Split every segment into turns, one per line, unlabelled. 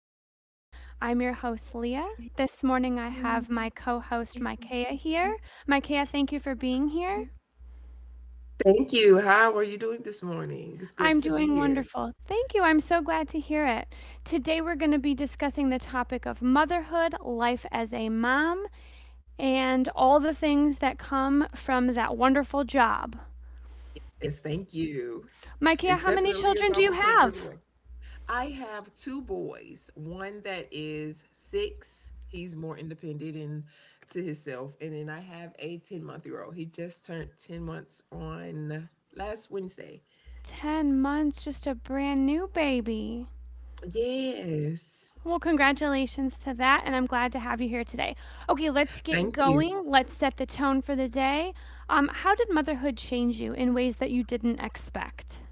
the show. I'm your host, Leah. This morning, I have my co host, Micaiah, here. Micaiah, thank you for being here.
Thank you.
I'm doing wonderful. Thank you. I'm so glad to hear it. Today, we're going to be discussing the topic of motherhood, life as a mom, and all the things that come from that wonderful job.
Yes, thank you.
Micaiah,
It's
how many
definitely a
children do
job
you
you can't give
have?
away. I have two boys, one that is six. He's more independent and to himself. And then I have a 10-month year old. He just turned 10 months on last Wednesday.
10 months, just a brand new baby.
Yes.
Well, congratulations to that, and I'm glad to have you here today. Okay, let's get
Thank you.
going. Let's set the tone for the day. How did motherhood change you in ways that you didn't expect?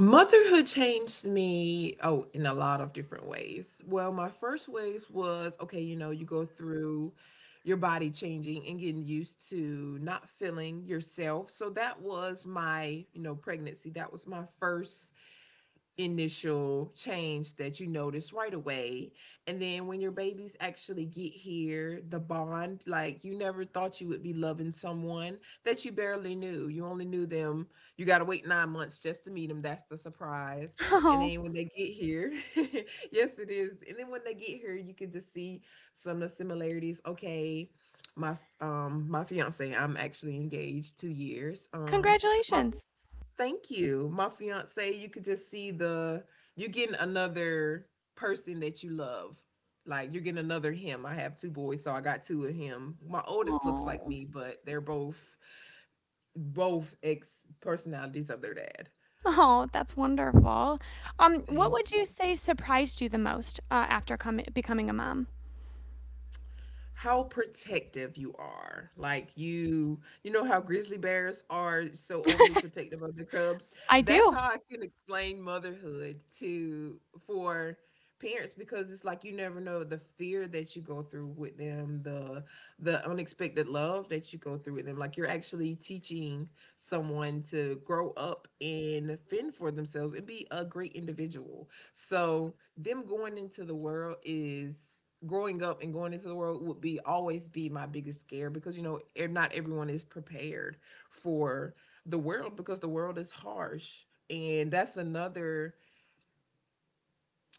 Motherhood changed me, oh, in a lot of different ways. Well, my first ways was okay, you know, you go through your body changing and getting used to not feeling yourself. So that was my, you know, pregnancy. That was my first initial change that you notice right away. And then when your babies actually get here, the bond, like you never thought you would be loving someone that you barely knew. You only knew them. You got to wait 9 months just to meet them. That's the surprise. And
Oh,
then when they get here, yes, it is. And then when they get here, you can just see some of the similarities. Okay. My fiance, I'm actually engaged 2 years. My
congratulations.
Thank you. My fiance, you could just see the you're getting another person that you love. Like you're getting another him. I have two boys, so I got two of him. My oldest looks like
Oh,
me, but they're both ex personalities of their dad.
oh, that's wonderful. What
Thank
would you
you.
say surprised you the most after becoming a mom?
How protective you are. Like you know how grizzly bears are so overly protective of their cubs.
I
That's
do.
how I can explain motherhood to for parents because it's like you never know the fear that you go through with them, the unexpected love that you go through with them. Like you're actually teaching someone to grow up and fend for themselves and be a great individual. So them going into the world is growing up and going into the world would be always be my biggest scare because you know not everyone is prepared for the world because the world is harsh and that's another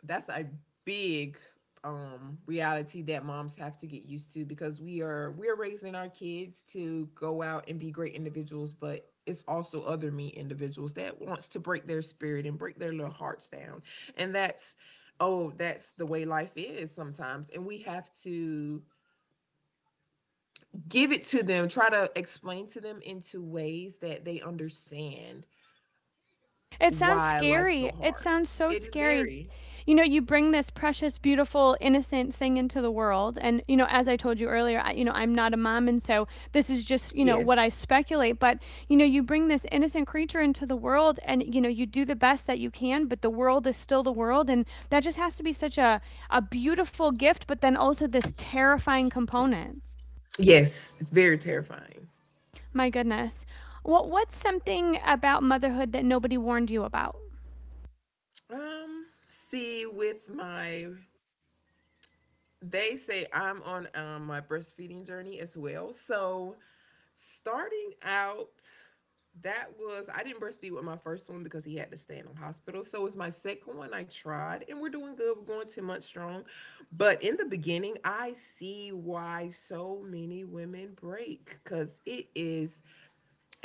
that's a big um reality that moms have to get used to because we're raising our kids to go out and be great individuals but it's also other me individuals that wants to break their spirit and break their little hearts down and that's oh that's the way life is sometimes and we have to give it to them, try to explain to them into ways that they understand
It sounds
why life's so
scary. It
hard.
sounds so
It is
scary.
very,
You know, you bring this precious, beautiful, innocent thing into the world. And, you know, as I told you earlier, you know, I'm not a mom. And so this is just, you know, what
yes,
I speculate. But, you know, you bring this innocent creature into the world and, you know, you do the best that you can, but the world is still the world. And that just has to be such a beautiful gift, but then also this terrifying component.
yes, it's very terrifying.
My goodness. Well, what's something about motherhood that nobody warned you about?
Um, see, with my, they say I'm on my breastfeeding journey as well. So starting out, that was I didn't breastfeed with my first one because he had to stay in the hospital. So with my second one, I tried, and we're doing good. We're going 10 months strong. But in the beginning, I see why so many women break because it is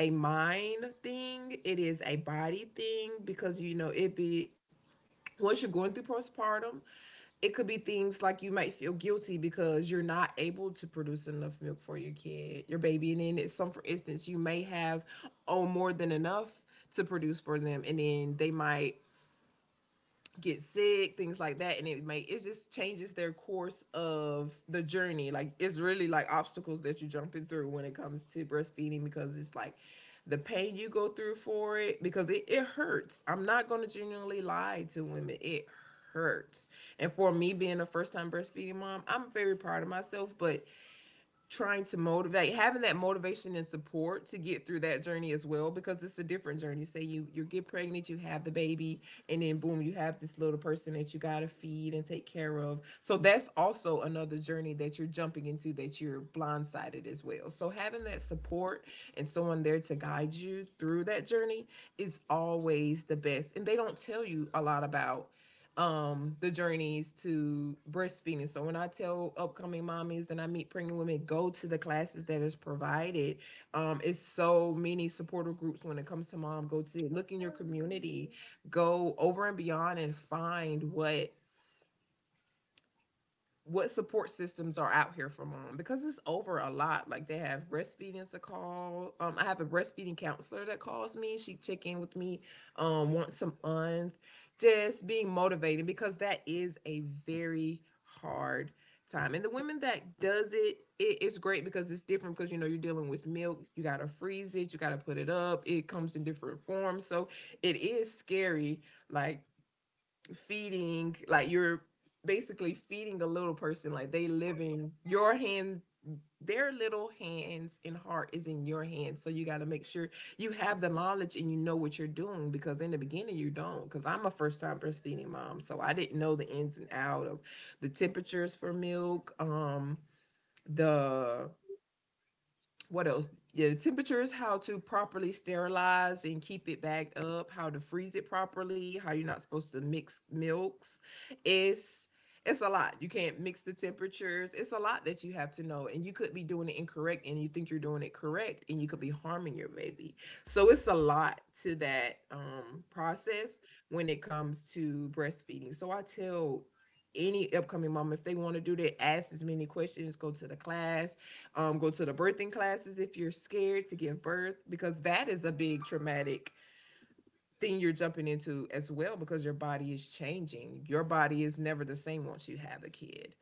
a mind thing. It is a body thing because you know it be once you're going through postpartum, it could be things like you might feel guilty because you're not able to produce enough milk for your kid, your baby, and then it's some, for instance, you may have oh more than enough to produce for them, and then they might get sick, things like that, and it may it just changes their course of the journey. Like it's really like obstacles that you're jumping through when it comes to breastfeeding because it's like the pain you go through for it because it hurts. I'm not gonna genuinely lie to women. It hurts. And for me being a first time breastfeeding mom, I'm very proud of myself, but trying to motivate having that motivation and support to get through that journey as well because it's a different journey say you get pregnant you have the baby and then boom you have this little person that you got to feed and take care of so that's also another journey that you're jumping into that you're blindsided as well so having that support and someone there to guide you through that journey is always the best and they don't tell you a lot about the journeys to breastfeeding. So when I tell upcoming mommies and I meet pregnant women, go to the classes that is provided. It's so many supporter groups when it comes to mom. Go to look in your community, go over and beyond and find what support systems are out here for mom because it's over a lot. Like they have breastfeeding to call. I have a breastfeeding counselor that calls me. She check in with me once a month, just being motivated because that is a very hard time. And the women that does it, it's great because it's different because you know you're dealing with milk. You gotta freeze it. You gotta put it up. It comes in different forms, so it is scary. Like feeding like you're basically feeding a little person like they living your hand their little hands and heart is in your hands so you got to make sure you have the knowledge and you know what you're doing because in the beginning you don't because I'm a first time breastfeeding mom so I didn't know the ins and out of the temperatures for milk the what else? Yeah, the temperatures, how to properly sterilize and keep it bagged up, how to freeze it properly, how you're not supposed to mix milks. It's it's a lot. You can't mix the temperatures. It's a lot that you have to know. And you could be doing it incorrect and you think you're doing it correct and you could be harming your baby. So it's a lot to that process when it comes to breastfeeding. So I tell any upcoming mom if they want to do that, ask as many questions, go to the class, go to the birthing classes if you're scared to give birth, because that is a big traumatic thing you're jumping into as well, because your body is changing. Your body is never the same once you have a kid,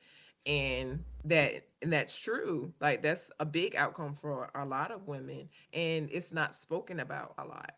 and that's true. Like that's a big outcome for a lot of women, and it's not spoken about a lot.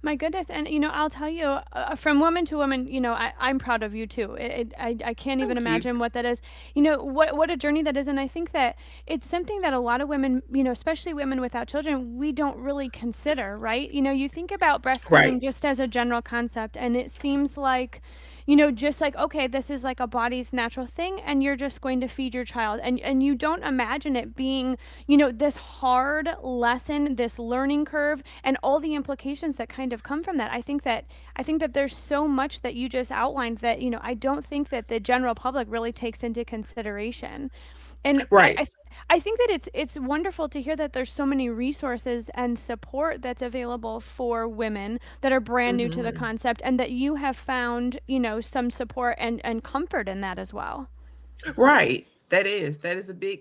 My goodness, and you know, I'll tell you, from woman to woman, you know, I'm proud of you too. I can't even
Thank you.
imagine what that is. You know, what a journey that is, and I think that it's something that a lot of women, you know, especially women without children, we don't really consider, right? You know, you think about
Right.
breastfeeding just as a general concept, and it seems like you know just like okay this is like a body's natural thing and you're just going to feed your child and you don't imagine it being you know this hard lesson this learning curve and all the implications that kind of come from that I think that there's so much that you just outlined that you know I don't think that the general public really takes into consideration and
Right.
I th- I think that it's wonderful to hear that there's so many resources and support that's available for women that are brand new to the
Hmm.
concept and that you have found, you know, some support and comfort in that as well.
Right. That is a big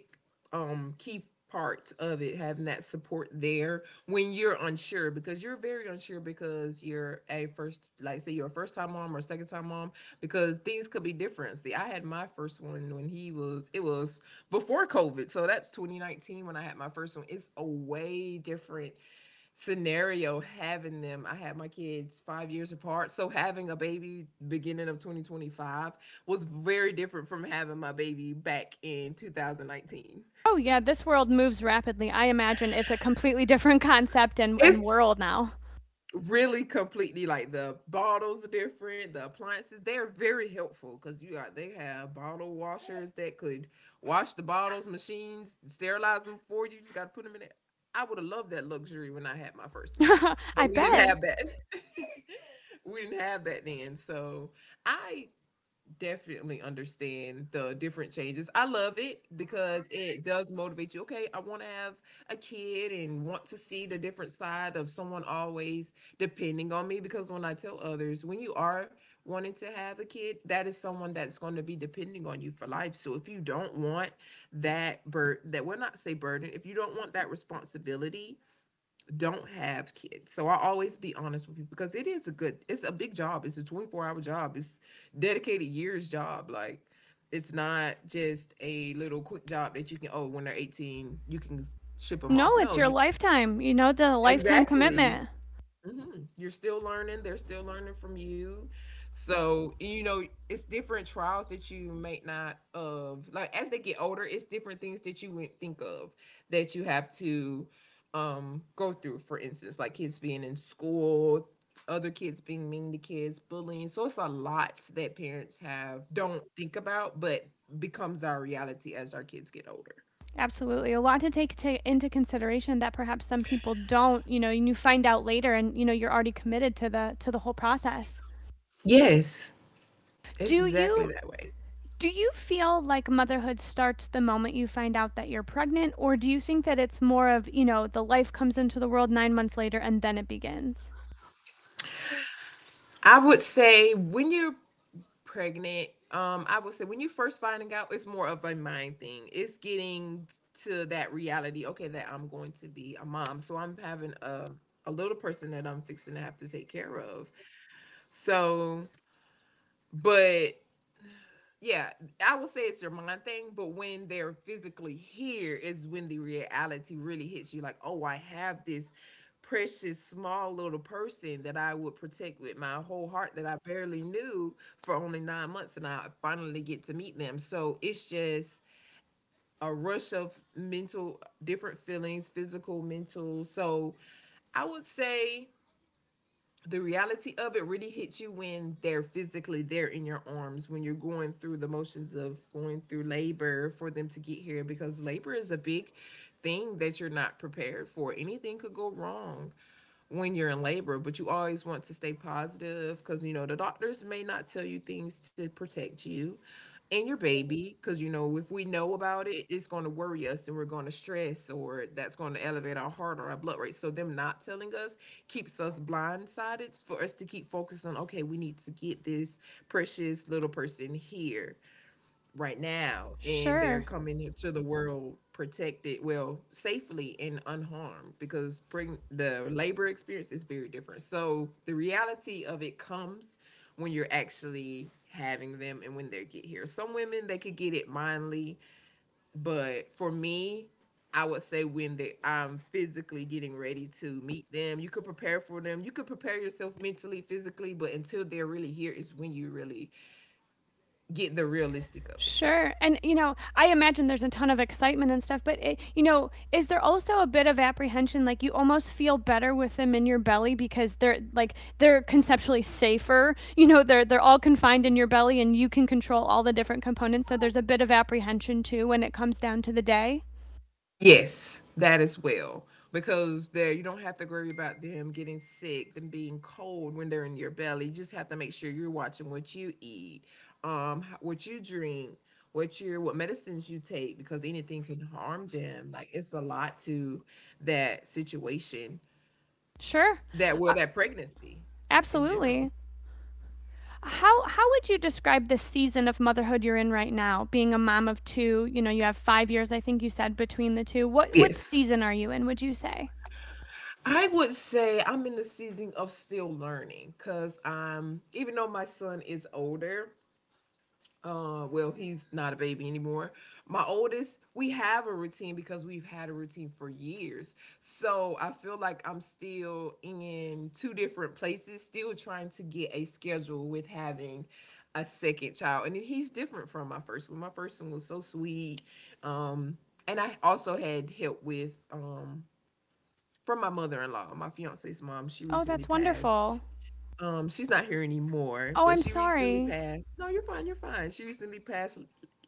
key part of it having that support there when you're unsure because you're very unsure because you're a first like say you're a first time mom or a second time mom because things could be different. See, I had my first one when he was it was before COVID. So that's 2019 when I had my first one. It's a way different scenario having them. I had my kids 5 years apart, so having a baby beginning of 2025 was very different from having my baby back in 2019.
Oh yeah, this world moves rapidly. I imagine it's a completely different concept and
It's
world now.
really completely like the bottles are different, the appliances, they're very helpful because you got they have bottle washers that could wash the bottles, machines, sterilize them for you. You just gotta put them in there. I would have loved that luxury when I had my first one.
I
But we didn't
bet.
have that. We didn't have that then. So I definitely understand the different changes. I love it because it does motivate you. Okay, I want to have a kid and want to see the different side of someone always depending on me. Because when I tell others, when you are wanting to have a kid, that is someone that's going to be depending on you for life. So if you don't want that bur that we're not say burden, if you don't want that responsibility, don't have kids. So I always be honest with people because it is a good, it's a big job. It's a 24-hour job. It's dedicated years job. Like it's not just a little quick job that you can, oh, when they're 18, you can ship them off.
No,
No,
it's your
you,
lifetime. You know, the lifetime
exactly.
commitment.
Hmm. You're still learning. They're still learning from you. So, you know, it's different trials that you may not of like as they get older, it's different things that you wouldn't think of that you have to go through, for instance, like kids being in school, other kids being mean to kids, bullying. So it's a lot that parents have don't think about, but becomes our reality as our kids get older.
Absolutely. A lot to take into consideration that perhaps some people don't, you know, and you find out later and you know you're already committed to the whole process.
Yes. It's
Do
exactly
you
that way.
do you feel like motherhood starts the moment you find out that you're pregnant or do you think that it's more of, you know, the life comes into the world 9 months later and then it begins?
I would say when you're pregnant, I would say when you first finding out, it's more of a mind thing. It's getting to that reality, okay, that I'm going to be a mom. So I'm having a little person that I'm fixing to have to take care of. So, but yeah, I would say it's your mind thing, but when they're physically here is when the reality really hits you like, oh, I have this precious small little person that I would protect with my whole heart that I barely knew for only 9 months and I finally get to meet them. So it's just a rush of mental different feelings, physical, mental. So I would say the reality of it really hits you when they're physically there in your arms when you're going through the motions of going through labor for them to get here, because labor is a big thing that you're not prepared for. Anything could go wrong when you're in labor, but you always want to stay positive because you know the doctors may not tell you things to protect you and your baby, because you know if we know about it, it's going to worry us and we're going to stress, or that's going to elevate our heart or our blood rate. So them not telling us keeps us blindsided for us to keep focused on, okay, we need to get this precious little person here right now, and they're
Sure.
coming into the world protected, well, safely and unharmed, because bring the labor experience is very different. So the reality of it comes when you're actually having them, and when they get here some women they could get it mindly, but for me I would say when they I'm physically getting ready to meet them. You could prepare for them. You could prepare yourself mentally, physically, but until they're really here is when you really get the realistic of.
Sure. And, you know, I imagine there's a ton of excitement and stuff, but, it, you know, is there also a bit of apprehension? Like you almost feel better with them in your belly because they're like, they're conceptually safer. You know, they're all confined in your belly and you can control all the different components. So there's a bit of apprehension too when it comes down to the day.
Yes, that as well. Because there you don't have to worry about them getting sick, them being cold when they're in your belly. You just have to make sure you're watching what you eat, h- what you drink, what medicines you take, because anything can harm them. Like it's a lot to that situation.
Sure.
That well, that pregnancy in
Absolutely.
general.
How would you describe the season of motherhood you're in right now? Being a mom of two, you know, you have 5 years I think you said between the two. What
Yes.
season are you in, would you say?
I would say I'm in the season of still learning, because I'm, even though my son is older, well, he's not a baby anymore. My oldest, we have a routine because we've had a routine for years. So I feel like I'm still in two different places, still trying to get a schedule with having a second child. And then he's different from my first one. My first one was so sweet. Um, and I also had help with from my mother in law, my fiance's mom. She
Oh,
recently
that's
passed.
wonderful.
She's not here anymore,
Oh,
but
I'm
she recently
sorry.
passed. No, you're fine, you're fine. She recently passed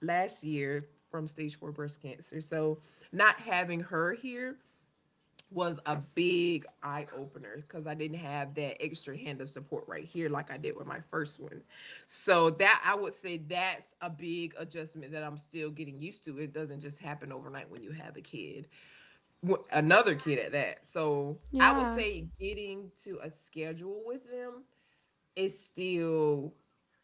last year from stage four breast cancer. So not having her here was a big eye opener, because I didn't have that extra hand of support right here like I did with my first one. So that I would say that's a big adjustment that I'm still getting used to. It doesn't just happen overnight when you have a kid, Wh- another kid at that. So I would
Yeah.
say getting to a schedule with them, it's still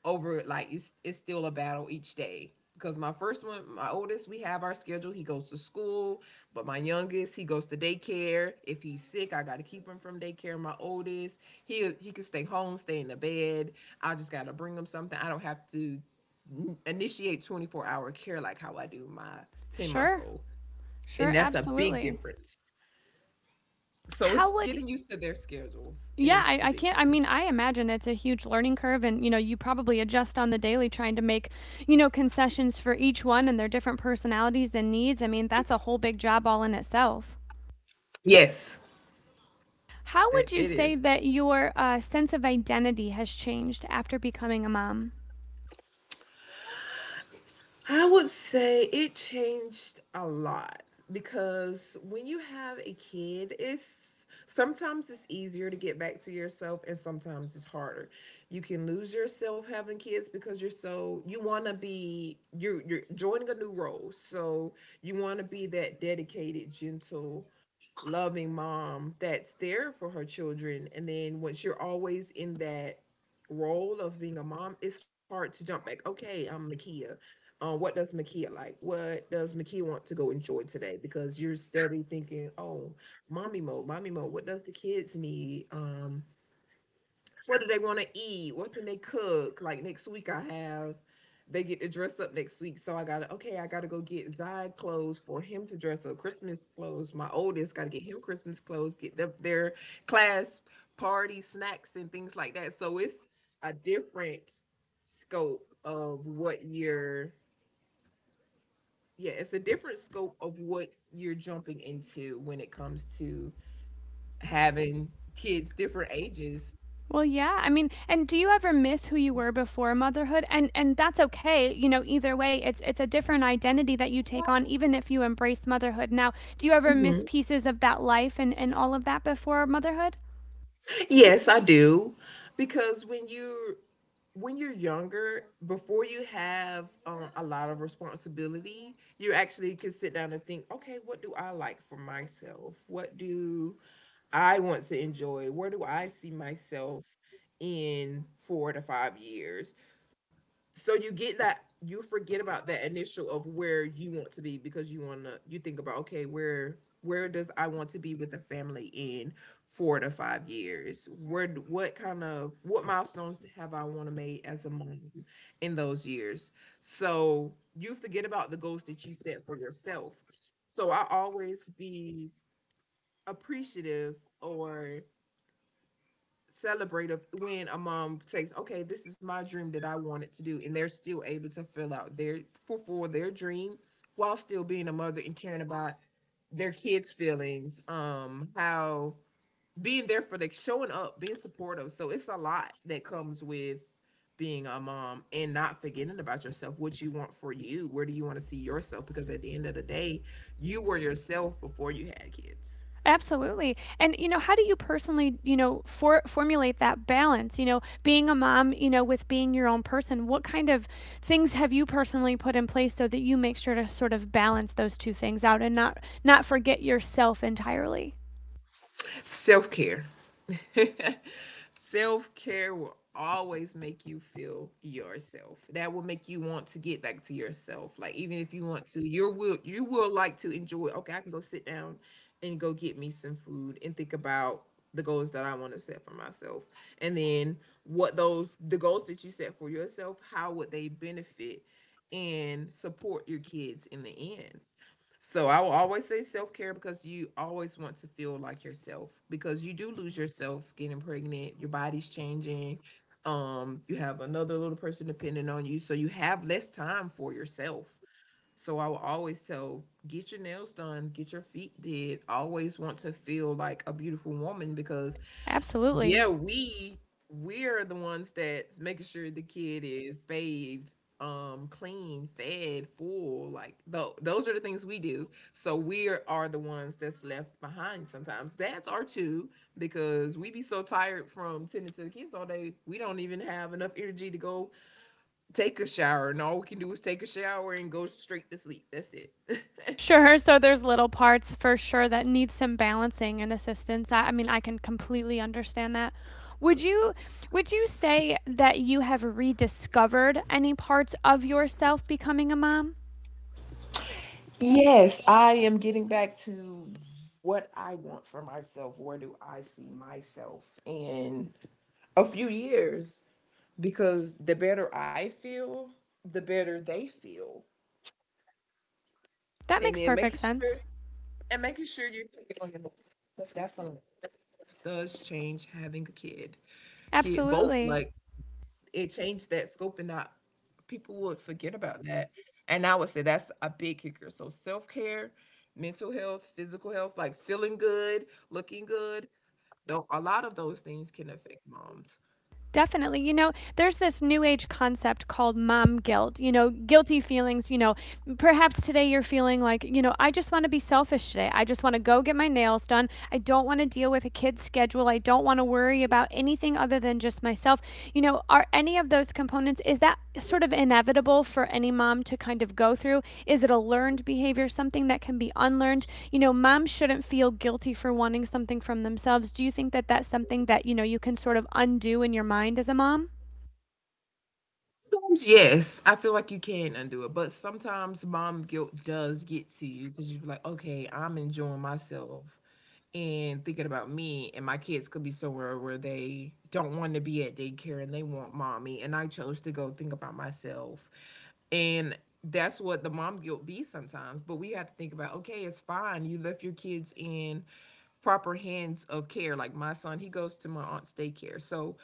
over like it's still a battle each day, because my first one my oldest we have our schedule, he goes to school, but my youngest he goes to daycare. If he's sick I gotta keep him from daycare. My oldest, he can stay home, stay in the bed. I just gotta bring him something. I don't have to initiate 24-hour care like how I do my 10-month
Sure.
old, and
Sure.
that's a big
Absolutely.
difference. So
How
it's
would
getting used to their schedules
Yeah,
is
I,
the
I
big
can't. I
thing.
mean, I imagine it's a huge learning curve, and you know, you probably adjust on the daily trying to make, you know, concessions for each one and their different personalities and needs. I mean, that's a whole big job all in itself.
Yes,
How
that
would you
it
say
is.
that your sense of identity has changed after becoming a mom?
I would say it changed a lot, because when you have a kid, it's sometimes it's easier to get back to yourself and sometimes it's harder. You can lose yourself having kids, because you're so you want to be you're joining a new role. So you want to be that dedicated, gentle, loving mom that's there for her children, and then once you're always in that role of being a mom, it's hard to jump back. Okay, I'm Makia. What does Makia like? What does Makia want to go enjoy today? Because you're steady thinking, oh, mommy mode, mommy mode. What does the kids need? What do they want to eat? What can they cook? Like next week, I have. They get to dress up next week, so I gotta okay. I gotta go get Zai clothes for him to dress up, Christmas clothes. My oldest gotta get him Christmas clothes, get them their class party snacks and things like that. So it's a different scope of what you're, yeah, it's a different scope of what you're jumping into when it comes to having kids different ages.
Well, yeah. I mean, and do you ever miss who you were before motherhood? And that's okay. You know, either way, it's a different identity that you take on even if you embrace motherhood. Now, do you ever miss
Mm-hmm.
pieces of that life and all of that before motherhood?
Yes, I do. Because when you're younger, before you have a lot of responsibility, you actually can sit down and think, okay, what do I like for myself? What do I want to enjoy? Where do I see myself in 4 to 5 years? So you get that you forget about that initial of where you want to be, because you wanna you think about okay where does I want to be with the family in 4 to 5 years? Where d- what kind of what milestones have I want to make as a mom in those years? So you forget about the goals that you set for yourself. So I always be appreciative or celebrative when a mom says, "Okay, this is my dream that I wanted to do," and they're still able to fill out their fulfill their dream while still being a mother and caring about their kids' feelings, how being there for like showing up, being supportive. So it's a lot that comes with being a mom and not forgetting about yourself, what you want for you, where do you want to see yourself? Because at the end of the day, you were yourself before you had kids.
Absolutely. And you know, how do you personally, you know, formulate that balance, you know, being a mom, you know, with being your own person? What kind of things have you personally put in place so that you make sure to sort of balance those two things out and not forget yourself entirely?
Self care. Self care will always make you feel yourself. That will make you want to get back to yourself. Like even if you want to, you will like to enjoy. Okay, I can go sit down and go get me some food and think about the goals that I want to set for myself. And then what those the goals that you set for yourself, how would they benefit and support your kids in the end? So I will always say self care, because you always want to feel like yourself, because you do lose yourself getting pregnant. Your body's changing. You have another little person depending on you, so you have less time for yourself. So I will always tell, get your nails done, get your feet did. Always want to feel like a beautiful woman because
Absolutely.
yeah, we're the ones that's making sure the kid is bathed, clean, fed, full. Like tho- those are the things we do. So we are the ones that's left behind sometimes. That's our two, because we be so tired from tending to the kids all day. We don't even have enough energy to go take a shower, and all we can do is take a shower and go straight to sleep. That's it.
Sure. So there's little parts for sure that need some balancing and assistance. I mean, I can completely understand that. Would you would you say that you have rediscovered any parts of yourself becoming a mom?
Yes, I am getting back to what I want for myself. Where do I see myself in a few years? Because the better I feel, the better they feel.
That
And
makes
then making
perfect
sure
sense.
you're picking on your that's something that does change having a kid. Kid both
Absolutely.
like it changed that scope and not people would forget about that. And I would say that's a big kicker. So self care, mental health, physical health, like feeling good, looking good. Though a lot of those things can affect moms.
Definitely. You know, there's this new age concept called mom guilt, you know, guilty feelings. You know, perhaps today you're feeling like, you know, I just want to be selfish today. I just want to go get my nails done. I don't want to deal with a kid's schedule. I don't want to worry about anything other than just myself you know, are any of those components, is that sort of inevitable for any mom to kind of go through? Is it a learned behavior, something that can be unlearned? You know, moms shouldn't feel guilty for wanting something from themselves. Do you think that that's something that, you know, you can sort of undo in your mind as a mom?
Sometimes, yes, I feel like you can undo it, but sometimes mom guilt does get to you, because you're like, okay, I'm enjoying myself and thinking about me, and my kids could be somewhere where they don't want to be at daycare and they want mommy, and I chose to go think about myself. And that's what the mom guilt be sometimes. But we have to think about, okay, it's fine. You left your kids in proper hands of care. Like my son, he goes to my aunt's daycare. So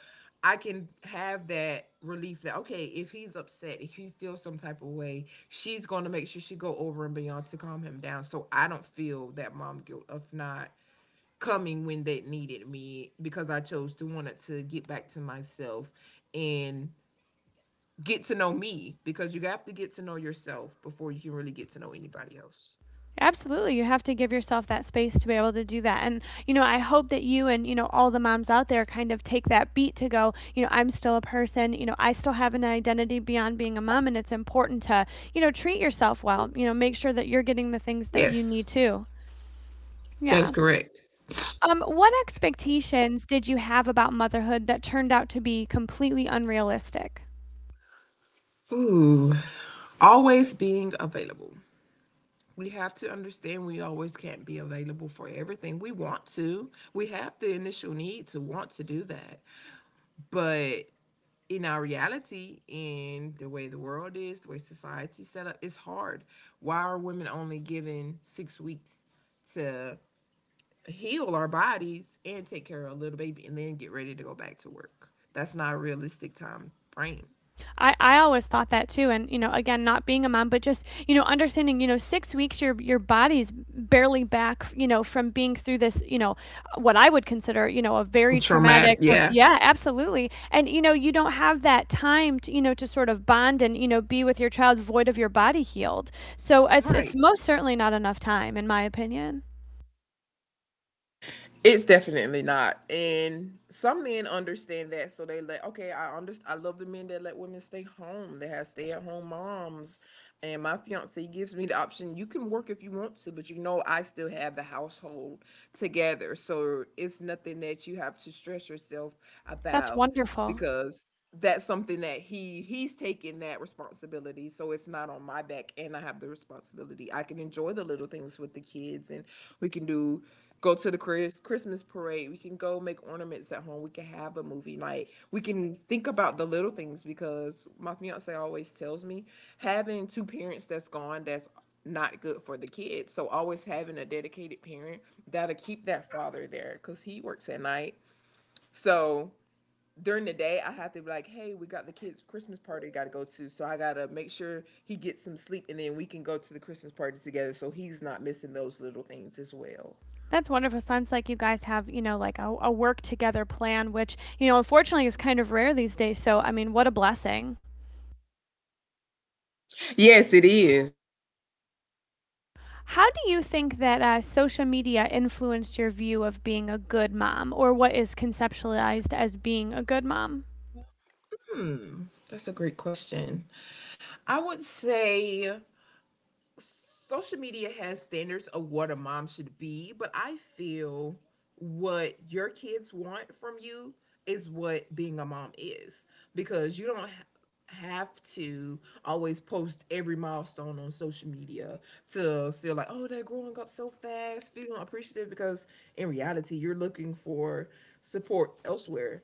I can have that relief that okay, if he's upset, if he feels some type of way, she's going to make sure she go over and beyond to calm him down. So I don't feel that mom guilt of not coming when they needed me, because I chose to want it to get back to myself and get to know me, because you have to get to know yourself before you can really get to know anybody else.
Absolutely. You have to give yourself that space to be able to do that. And, you know, I hope that you and, you know, all the moms out there kind of take that beat to go, you know, I'm still a person, you know, I still have an identity beyond being a mom. And it's important to, you know, treat yourself well, you know, make sure that you're getting the things that you
Yes,
need too.
that is
Yeah.
correct.
What expectations did you have about motherhood that turned out to be completely unrealistic?
Ooh, always being available. We have to understand we always can't be available for everything we want to. We have the initial need to want to do that. But in our reality, in the way the world is, the way society's set up, it's hard. Why are women only given 6 weeks to heal our bodies and take care of a little baby and then get ready to go back to work? That's not a realistic time frame.
I always thought that too and you know again not being a mom but just you know understanding you know 6 weeks your body's barely back you know from being through this you know what I would consider you know a very traumatic
Traumatic. Yeah.
yeah absolutely and you know you don't have that time to you know to sort of bond and you know be with your child void of your body healed so it's
Right.
most certainly not enough time in my opinion
It's definitely not. And some men understand that, so they let okay, I understand I love the men that let women stay home. They have stay at home moms. And my fiance gives me the option you can work if you want to, but I still have the household together. So it's nothing that you have to stress yourself
that's
about
wonderful.
because that's something that he's taking that responsibility so it's not on my back and I have the responsibility I can enjoy the little things with the kids and we can do go to the Christmas parade, we can go make ornaments at home, we can have a movie night, we can think about the little things because my fiance always tells me having two parents that's gone that's not good for the kids, so always having a dedicated parent that'll keep that father there because he works at night, so during the day I have to be like, hey, we got the kids Christmas party got to go to, so I gotta make sure he gets some sleep, and then we can go to the Christmas party together, so he's not missing those little things as well.
That's wonderful. Sounds like you guys have, you know, like a work together plan, which, you know, unfortunately is kind of rare these days. So, I mean, what a blessing.
Yes, it is.
How do you think that social media influenced your view of being a good mom or what is conceptualized as being a good mom?
Hmm, that's a great question. I would say social media has standards of what a mom should be, but I feel what your kids want from you is what being a mom is because you don't have to always post every milestone on social media to feel like oh they're growing up so fast feeling appreciative because in reality you're looking for support elsewhere,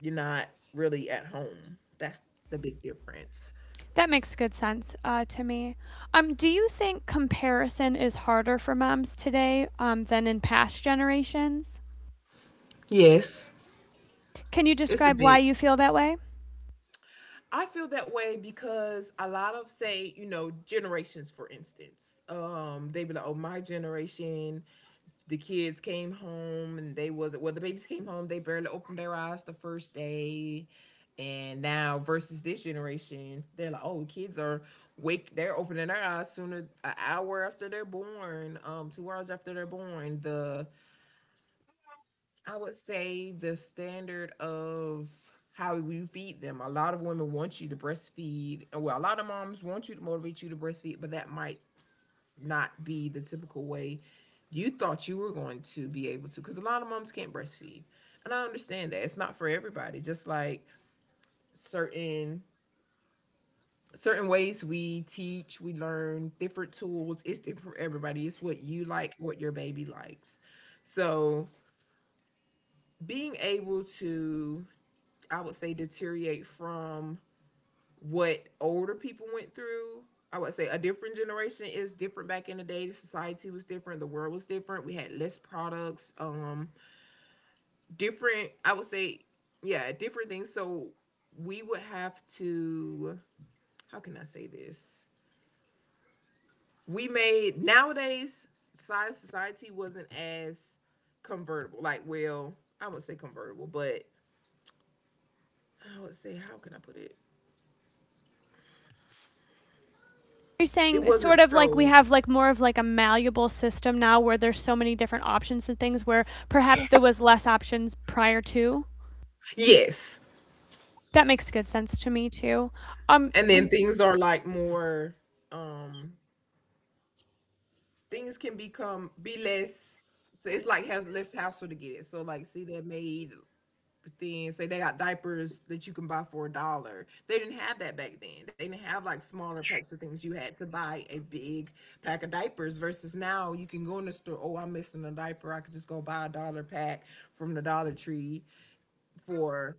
you're not really at home, that's the big difference.
That makes good sense to me. Do you think comparison is harder for moms today than in past generations?
Yes,
Can you
it's a
describe why
big
you feel that way?
I feel that way because a lot of, say, generations for instance, they be like, oh, my generation, the kids came home and they was well, the babies came home, they barely opened their eyes the first day. And now versus this generation, they're like, oh, kids are wake they're opening their eyes sooner an hour after they're born, 2 hours after they're born. The I would say the standard of how we feed them. A lot of women want you to breastfeed. Well, a lot of moms want you to motivate you to breastfeed, but that might not be the typical way you thought you were going to be able to. Because a lot of moms can't breastfeed, and I understand that it's not for everybody. Just like certain certain ways we teach, we learn different tools. It's different for everybody. It's what you like, what your baby likes. So being able to I would say deteriorate from what older people went through. I would say a different generation is different back in the day. The society was different, the world was different. We had less products, different I would say yeah, different things. So we would have to how can I say this? We made nowadays society wasn't as convertible. Like, well, I would say convertible, but I would say how can I put it?
You're
It
saying
wasn't
sort of like we
so
have like more of like a malleable system now where there's so many different options and things where perhaps there was less options prior to.
yes.
That makes good sense to me too. Um
And then things are like more um things can become be less so it's like has less hassle to get it so like see that made things say they got diapers that you can buy for a dollar, they didn't have that back then, they didn't have like smaller packs of things, you had to buy a big pack of diapers versus now you can go in the store oh I'm missing a diaper I could just go buy a dollar pack from the dollar tree for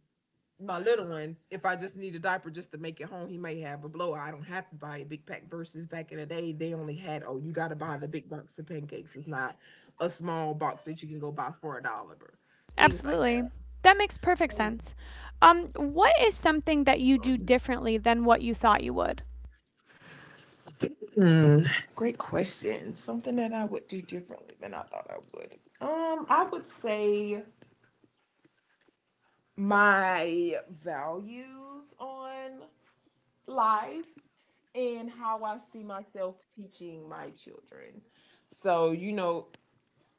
my little one, if I just need a diaper just to make it home, he may have a blowout. I don't have to buy a big pack. Versus back in the day, they only had oh, you got to buy the big box of pancakes. It's not a small box that you can go buy for a dollar. Things like that.
absolutely. That makes perfect sense. What is something that you do differently than what you thought you would?
Mm, great question. Something that I would do differently than I thought I would. I would say my values on life and how I see myself teaching my children. So,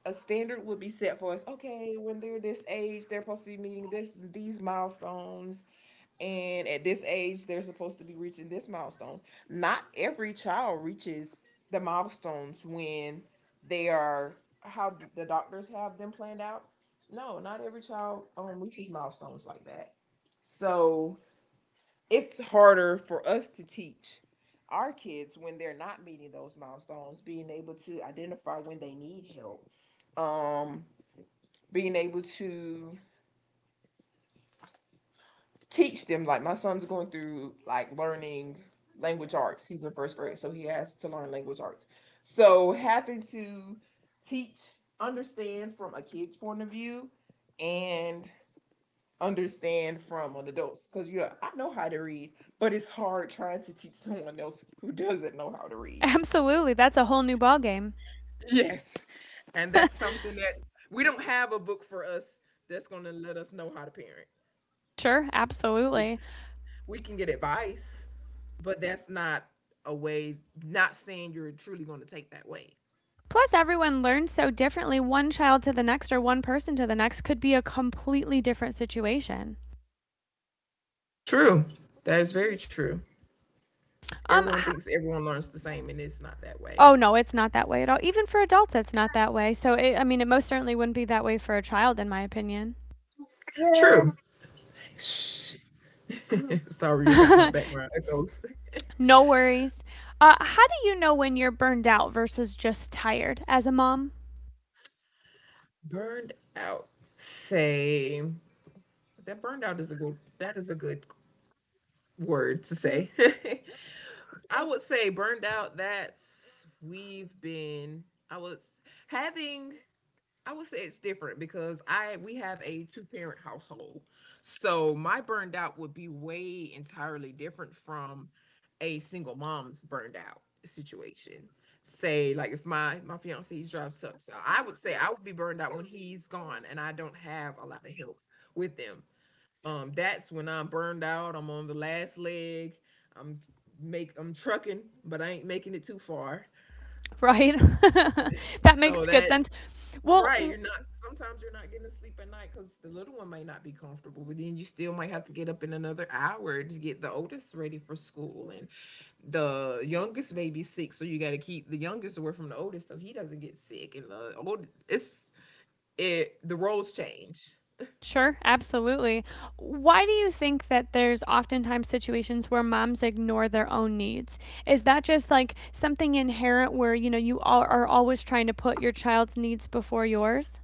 a standard would be set for us. Okay, when they're this age, they're supposed to be meeting this these milestones, and at this age, they're supposed to be reaching this milestone. Not every child reaches the milestones when they are how the doctors have them planned out. No, not every child reaches milestones like that. So it's harder for us to teach our kids when they're not meeting those milestones, being able to identify when they need help, um, being able to teach them. Like my son's going through like learning language arts. He's in first grade, so he has to learn language arts. So having to teach, understand from a kid's point of view, and understand from an adult's because yeah, I know how to read, but it's hard trying to teach someone else who doesn't know how to read.
Absolutely. That's a whole new ballgame.
Yes, and that's something that we don't have a book for us that's going to let us know how to parent.
Sure,
We,
absolutely.
we can get advice, but that's not a way. Not saying you're truly going to take that way.
Plus, everyone learns so differently. One child to the next, or one person to the next, could be a completely different situation.
True. That is very true.
Um,
Everyone thinks everyone learns the same, and it's not that way.
Oh no, it's not that way at all. Even for adults, it's not that way. So it, I mean, it most certainly wouldn't be that way for a child, in my opinion.
True. Sorry, you got my background echoes.
No worries. How do you know when you're burned out versus just tired as a mom?
Burned out. Say that burned out is a good. That is a good word to say. I would say burned out. That's we've been. I was having I would say it's different because I we have a two parent household. So my burned out would be way entirely different from a single mom's burned out situation. Say like if my fiance drives truck, so I would say I would be burned out when he's gone and I don't have a lot of help with them. That's when I'm burned out. I'm on the last leg. I'm make I'm trucking, but I ain't making it too far.
Right, that makes
So
good
that
sense. Well,
right,
w-
you're not sometimes you're not getting to sleep at night because the little one may not be comfortable, but then you still might have to get up in another hour to get the oldest ready for school. And the youngest baby's sick, so you got to keep the youngest away from the oldest so he doesn't get sick. And the old it's it the roles change
sure, absolutely. Why do you think that there's oftentimes situations where moms ignore their own needs? Is that just like something inherent where you know you all are always trying to put your child's needs before yours?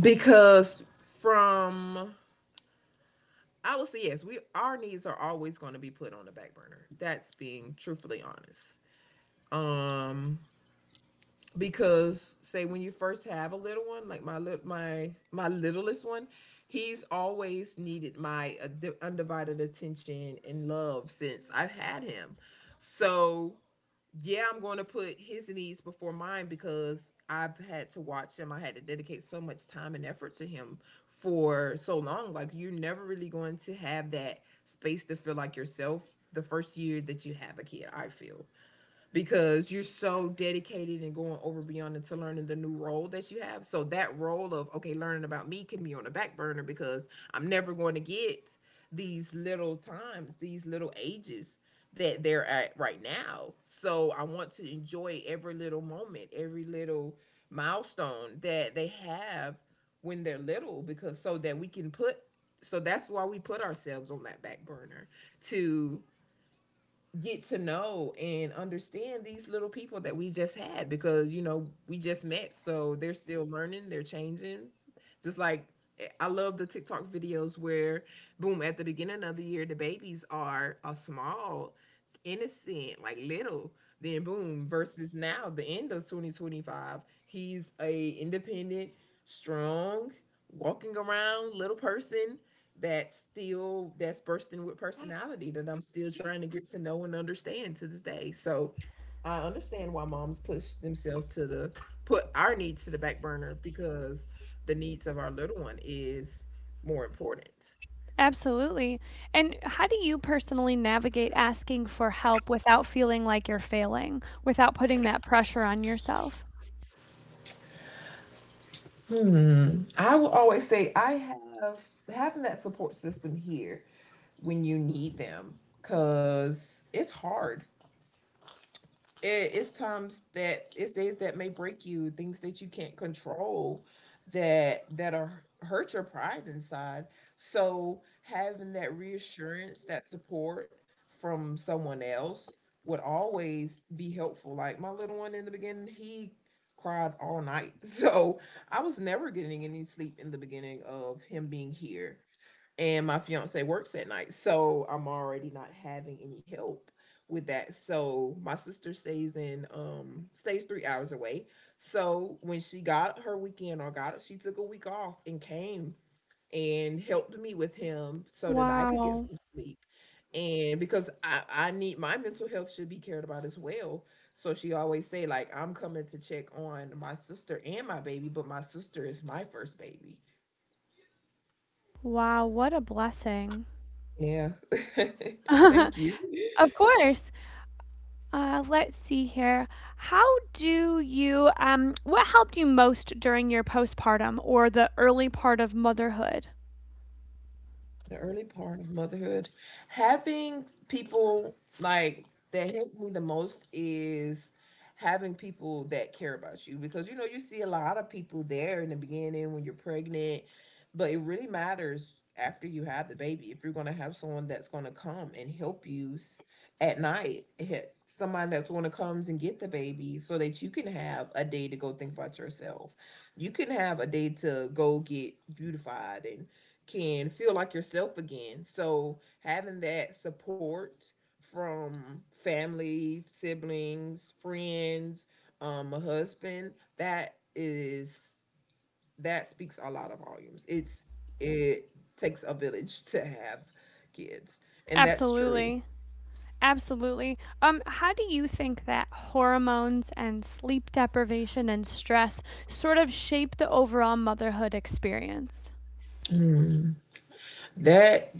because from I will say yes, we our needs are always going to be put on the back burner. That's being truthfully honest. Um, because say when you first have a little one, like my littlest one, he's always needed my undivided attention and love since I've had him. So yeah, I'm going to put his needs before mine because I've had to watch him. I had to dedicate so much time and effort to him for so long. Like you're never really going to have that space to feel like yourself the first year that you have a kid. I feel because you're so dedicated and going over beyond into learning the new role that you have. So that role of okay, learning about me can be on the back burner because I'm never going to get these little times, these little ages that they're at right now. So I want to enjoy every little moment, every little milestone that they have when they're little because so that we can put so that's why we put ourselves on that back burner to get to know and understand these little people that we just had because we just met so they're still learning they're changing just like I love the TikTok videos where boom at the beginning of the year the babies are a small innocent like little then boom versus now the end of 2025 he's a independent strong, walking around little person that's still that's bursting with personality that I'm still trying to get to know and understand to this day. So I understand why moms push themselves to the put our needs to the back burner because the needs of our little one is more important.
Absolutely. And how do you personally navigate asking for help without feeling like you're failing, without putting that pressure on yourself?
Hmm. I will always say I have having that support system here when you need them because it's hard it's times that it's days that may break you, things that you can't control, that are hurt your pride inside. So having that reassurance, that support from someone else would always be helpful. Like my little one in the beginning, he cried all night so I was never getting any sleep in the beginning of him being here, and my fiance works at night, so I'm already not having any help with that. So my sister stays in stays 3 hours away, so when she got her weekend or got it, she took a week off and came and helped me with him so that I could get
Wow.
some sleep. And because I need, my mental health should be cared about as well. So she always say like, I'm coming to check on my sister and my baby, but my sister is my first baby.
Wow, what a blessing.
Yeah. Thank you.
Of course. Let's see here. How do you, what helped you most during your postpartum or the early part of motherhood?
The early part of motherhood. Having people, like, that helped me the most is having people that care about you, because you know, you see a lot of people there in the beginning when you're pregnant, but it really matters after you have the baby if you're going to have someone that's going to come and help you s- at night he- somebody that's going to comes and get the baby so that you can have a day to go think about yourself, you can have a day to go get beautified and can feel like yourself again. So having that support from family, siblings, friends, a husband, that is, that speaks a lot of volumes. It takes a village to have kids, and that's true.
Absolutely. Absolutely. How do you think that hormones and sleep deprivation and stress sort of shape the overall motherhood experience?
Mm. That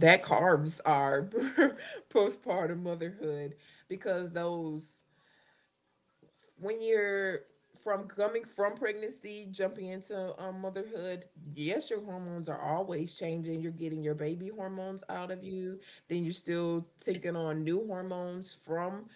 that carves our postpartum motherhood, because those, when you're, from coming from pregnancy, jumping into motherhood, yes, your hormones are always changing. You're getting your baby hormones out of you. Then you're still taking on new hormones from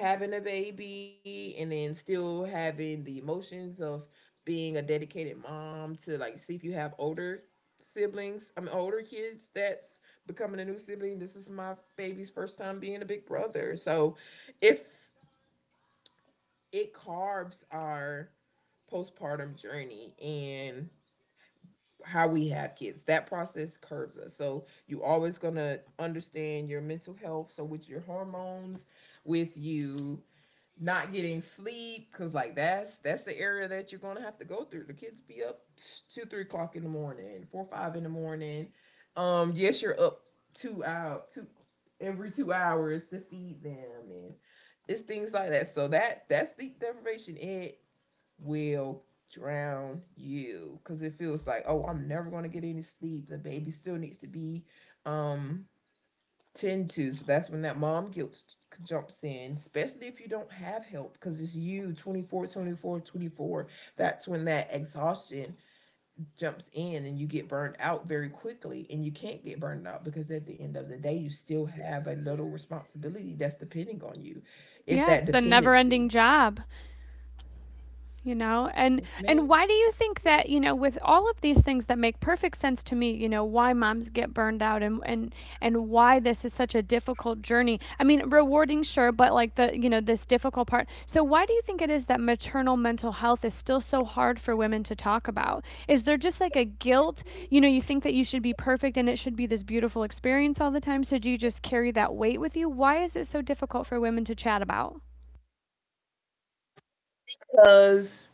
having a baby, and then still having the emotions of being a dedicated mom to, like, see if you have older siblings, I mean, older kids that's becoming a new sibling. This is my baby's first time being a big brother. So it's, it carbs are postpartum journey and how we have kids. That process curves us. So you always gonna understand your mental health. So with your hormones, with you not getting sleep, cause like that's the area that you're gonna have to go through. The kids be up two, 3 o'clock in the morning, four, five in the morning. Yes, you're up two out two every 2 hours to feed them, and it's things like that. So that's sleep deprivation. It will drown you because it feels like, oh, I'm never going to get any sleep, the baby still needs to be um tend to. So that's when that mom guilt jumps in, especially if you don't have help, because it's you 24, 24, 24. That's when that exhaustion jumps in, and you get burned out very quickly, and you can't get burned out because at the end of the day you still have a little responsibility that's depending on you. It's
Yeah,
that
it's the never ending
dependency.
job. you know and
Yes,
and
ma'am.
why do you think that with all of these things that make perfect sense to me, why moms get burned out, and why this is such a difficult journey? I mean, rewarding, sure, but like the you know this difficult part. So why do you think it is that maternal mental health is still so hard for women to talk about? Is there just like a guilt, you think that you should be perfect and it should be this beautiful experience all the time, so do you just carry that weight with you? Why is it so difficult for women to chat about?
Because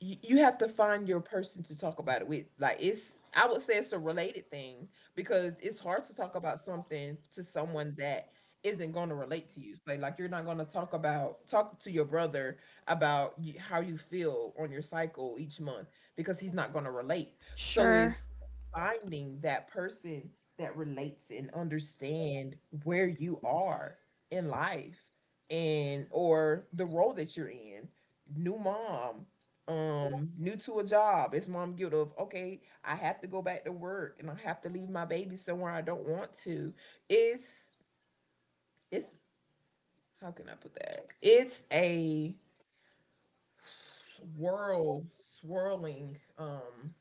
you have to find your person to talk about it with. Like it's, I would say it's a related thing, because it's hard to talk about something to someone that isn't going to relate to you. Like, you're not going to talk about talk to your brother about y- how you feel on your cycle each month, because he's not going to relate. So
Sure.
it's finding that person that relates and understand where you are in life, and or the role that you're in. New mom, new to a job, it's mom guilt of, okay, I have to go back to work and I have to leave my baby somewhere, I don't want to. It's it's how can I put that. It's a swirl swirling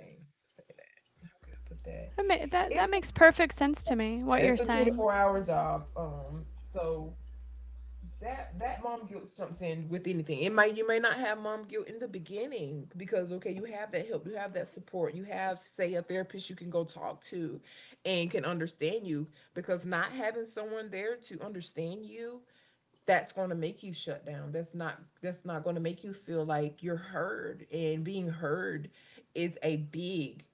thing. Say that. How can I put that.
That that
It's,
makes perfect sense to me, what
yeah,
you're
it's a
saying.
24-hour job. So that mom guilt jumps in with anything. It might, you may not have mom guilt in the beginning because, okay, you have that help, you have that support, you have, say, a therapist you can go talk to and can understand you. Because not having someone there to understand you, that's going to make you shut down. That's not going to make you feel like you're heard, and being heard is a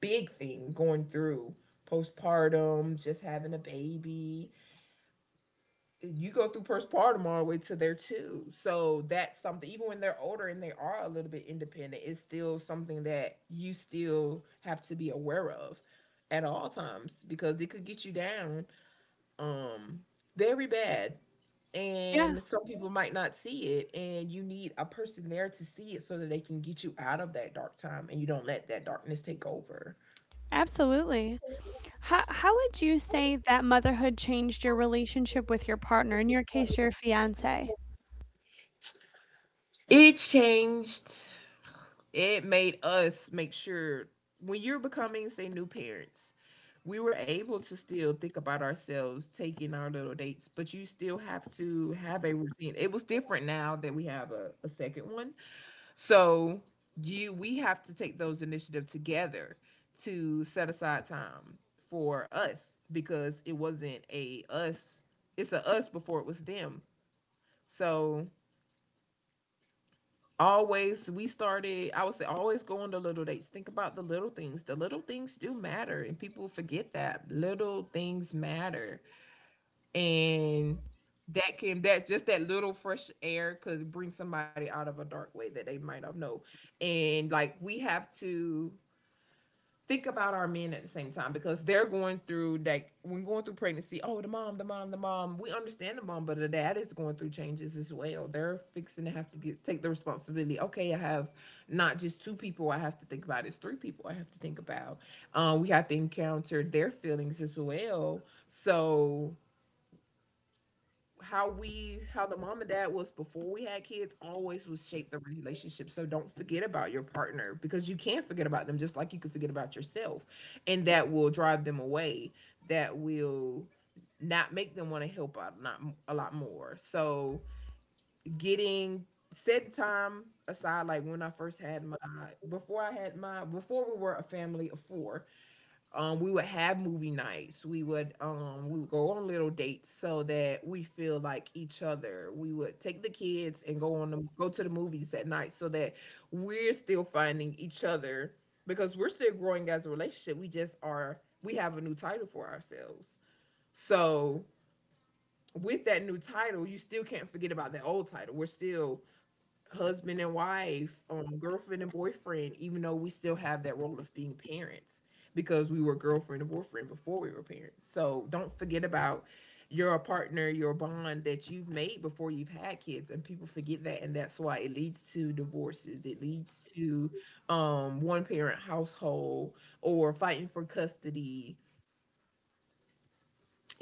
big thing going through postpartum. Just having a baby, you go through postpartum all the way to there too. So that's something, even when they're older and they are a little bit independent, it's still something that you still have to be aware of at all times, because it could get you down, um, very bad.
Yeah,
And some people might not see it, and you need a person there to see it so that they can get you out of that dark time and you don't let that darkness take over.
absolutely. How would you say that motherhood changed your relationship with your partner, in your case, your fiance?
It changed. It made us make sure, when you're becoming, say, new parents, we were able to still think about ourselves, taking our little dates, but you still have to have a routine. It was different now that we have a second one. So you, we have to take those initiatives together to set aside time for us, because it wasn't a us, it's a us before it was them. So always, we started, I would say, always go on the little dates, think about the little things, the little things do matter, and people forget that little things matter. And that can, that's just that little fresh air could bring somebody out of a dark way that they might not know. And like, we have to think about our men at the same time, because they're going through that. When going through pregnancy, oh, the mom, the mom, the mom, we understand the mom, but the dad is going through changes as well. They're fixing to have to get, take the responsibility, okay, I have not just two people I have to think about, it's three people I have to think about. We have to encounter their feelings as well. So how we, how the mom and dad was before we had kids always was shape the relationship, so don't forget about your partner, because you can not forget about them just like you can forget about yourself, and that will drive them away, that will not make them want to help out, not a lot more. So getting set time aside, like when I first had my, before I had my, before we were a family of four, we would have movie nights. We would go on little dates so that we feel like each other. We would take the kids and go on the go to the movies at night so that we're still finding each other, because we're still growing as a relationship. We just are, we have a new title for ourselves. So with that new title, you still can't forget about that old title. We're still husband and wife, girlfriend and boyfriend, even though we still have that role of being parents, because we were girlfriend and boyfriend before we were parents. So don't forget about your partner, your bond that you've made before you've had kids, and people forget that, and that's why it leads to divorces. It leads to one parent household, or fighting for custody.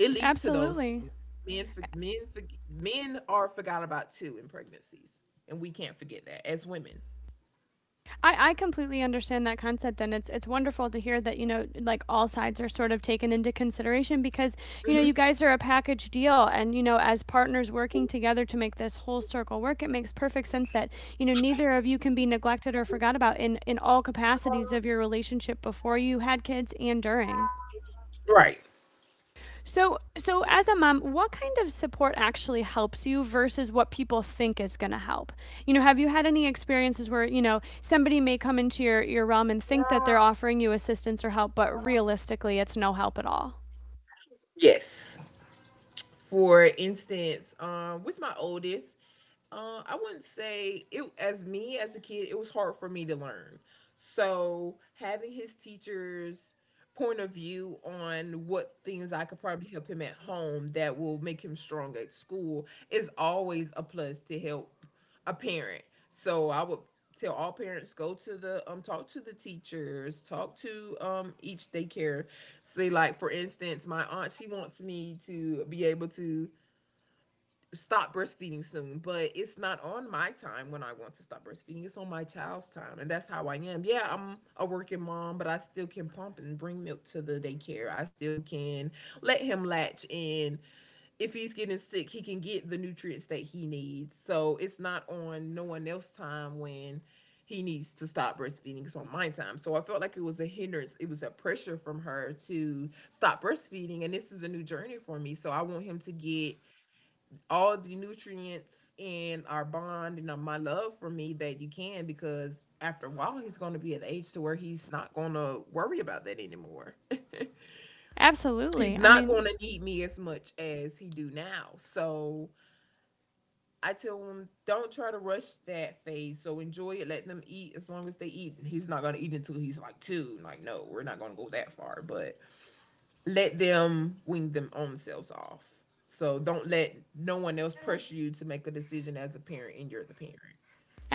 It leads to those
Absolutely.
things. Men, for, men, for, men are forgot about too in pregnancies, and we can't forget that as women.
I completely understand that concept, and it's wonderful to hear that, like all sides are sort of taken into consideration, because you guys are a package deal, and as partners working together to make this whole circle work, it makes perfect sense that, neither of you can be neglected or forgot about in all capacities of your relationship before you had kids and during.
Right.
So, so as a mom, what kind of support actually helps you versus what people think is going to help? Have you had any experiences where, somebody may come into your realm and think that they're offering you assistance or help, but realistically, it's no help at all?
Yes. For instance, with my oldest, I wouldn't say it as me as a kid. It was hard for me to learn. So having his teachers point of view on what things I could probably help him at home that will make him strong at school is always a plus to help a parent. So I would tell all parents, go to the talk to the teachers, talk to each daycare. Say, like, for instance, my aunt, she wants me to be able to stop breastfeeding soon, but it's not on my time when I want to stop breastfeeding. It's on my child's time, and that's how I am. Yeah, I'm a working mom, but I still can pump and bring milk to the daycare. I still can let him latch, and if he's getting sick, he can get the nutrients that he needs. So it's not on no one else's time when he needs to stop breastfeeding. It's on my time. So I felt like it was a hindrance. It was a pressure from her to stop breastfeeding. And this is a new journey for me. So I want him to get all the nutrients in our bond and my love for me that you can because after a while he's going to be at the age to where he's not going to worry about that anymore. He's
Absolutely. I
not going
mean,
to need me as much as he do now. So I tell him, don't try to rush that phase. So enjoy it, let them eat as long as they eat. He's not going to eat until he's like two. Like, no, we're not going to go that far, but let them wing them own selves off. So don't let no one else pressure you to make a decision as a parent, and you're the parent.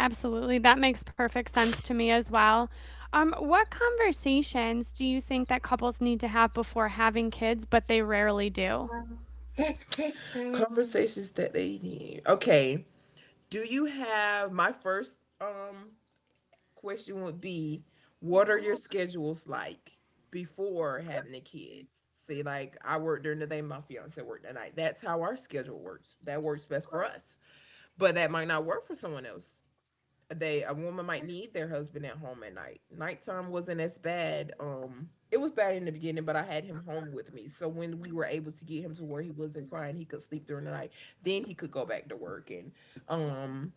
absolutely. That makes perfect sense to me as well. What conversations do you think that couples need to have before having kids, but they rarely do?
Conversations that they need. Okay. Do you have my first question would be, what are your schedules like before having a kid? See, like I work during the day, my fiance worked at night. That's how our schedule works. That works best for us. But that might not work for someone else. They, a woman might need their husband at home at night. Nighttime wasn't as bad. It was bad in the beginning, but I had him home with me. So when we were able to get him to where he wasn't crying, he could sleep during the night. Then he could go back to work. And um,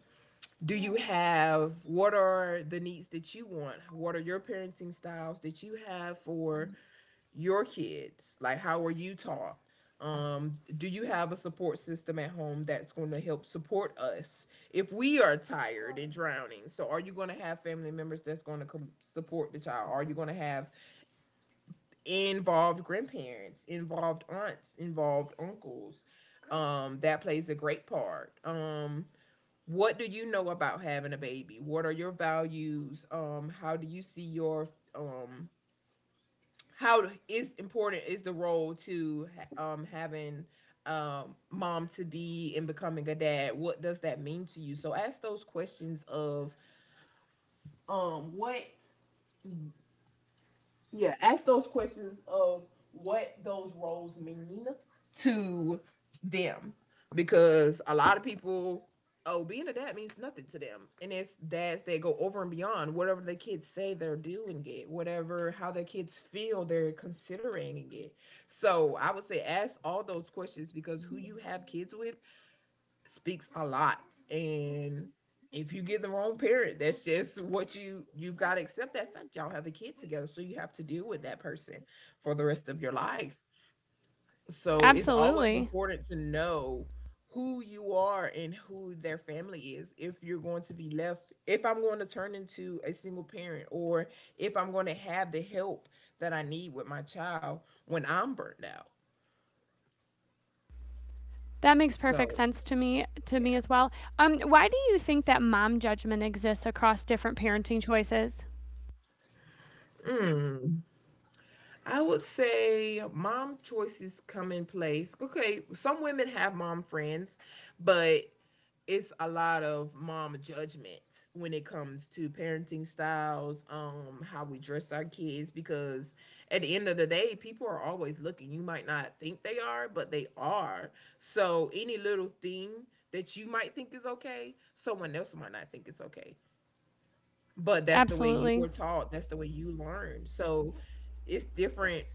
do you have, what are the needs that you want? What are your parenting styles that you have for your kids? Like, how are you taught? Do you have a support system at home that's going to help support us if we are tired and drowning? So, are you going to have family members that's going to support the child? Are you going to have involved grandparents, involved aunts, involved uncles? That plays a great part. What do you know about having a baby? What are your values? How do you see your um how is important is the role to having mom to be and becoming a dad, what does that mean to you? So ask those questions of what, yeah, ask those questions of what those roles mean. To them. Because a lot of people, oh, being a dad means nothing to them, and it's dads that go over and beyond whatever the kids say, they're doing it, whatever, how their kids feel, they're considering it. So I would say ask all those questions, because who you have kids with speaks a lot. And if you get the wrong parent, that's just what you have got to accept that fact. Y'all have a kid together, so you have to deal with that person for the rest of your life. So it's always
Absolutely.
important to know who you are and who their family is, if you're going to be left, if I'm going to turn into a single parent, or if I'm going to have the help that I need with my child when I'm burnt out.
That makes perfect
So
sense to me as well. Why do you think that mom judgment exists across different parenting choices?
mm, I would say mom choices come in place. Okay, some women have mom friends, but it's a lot of mom judgment when it comes to parenting styles, how we dress our kids, because at the end of the day, people are always looking. You might not think they are, but they are. So any little thing that you might think is okay, someone else might not think it's okay. But that's the way you
Absolutely.
were taught, that's the way you learned. So it's different.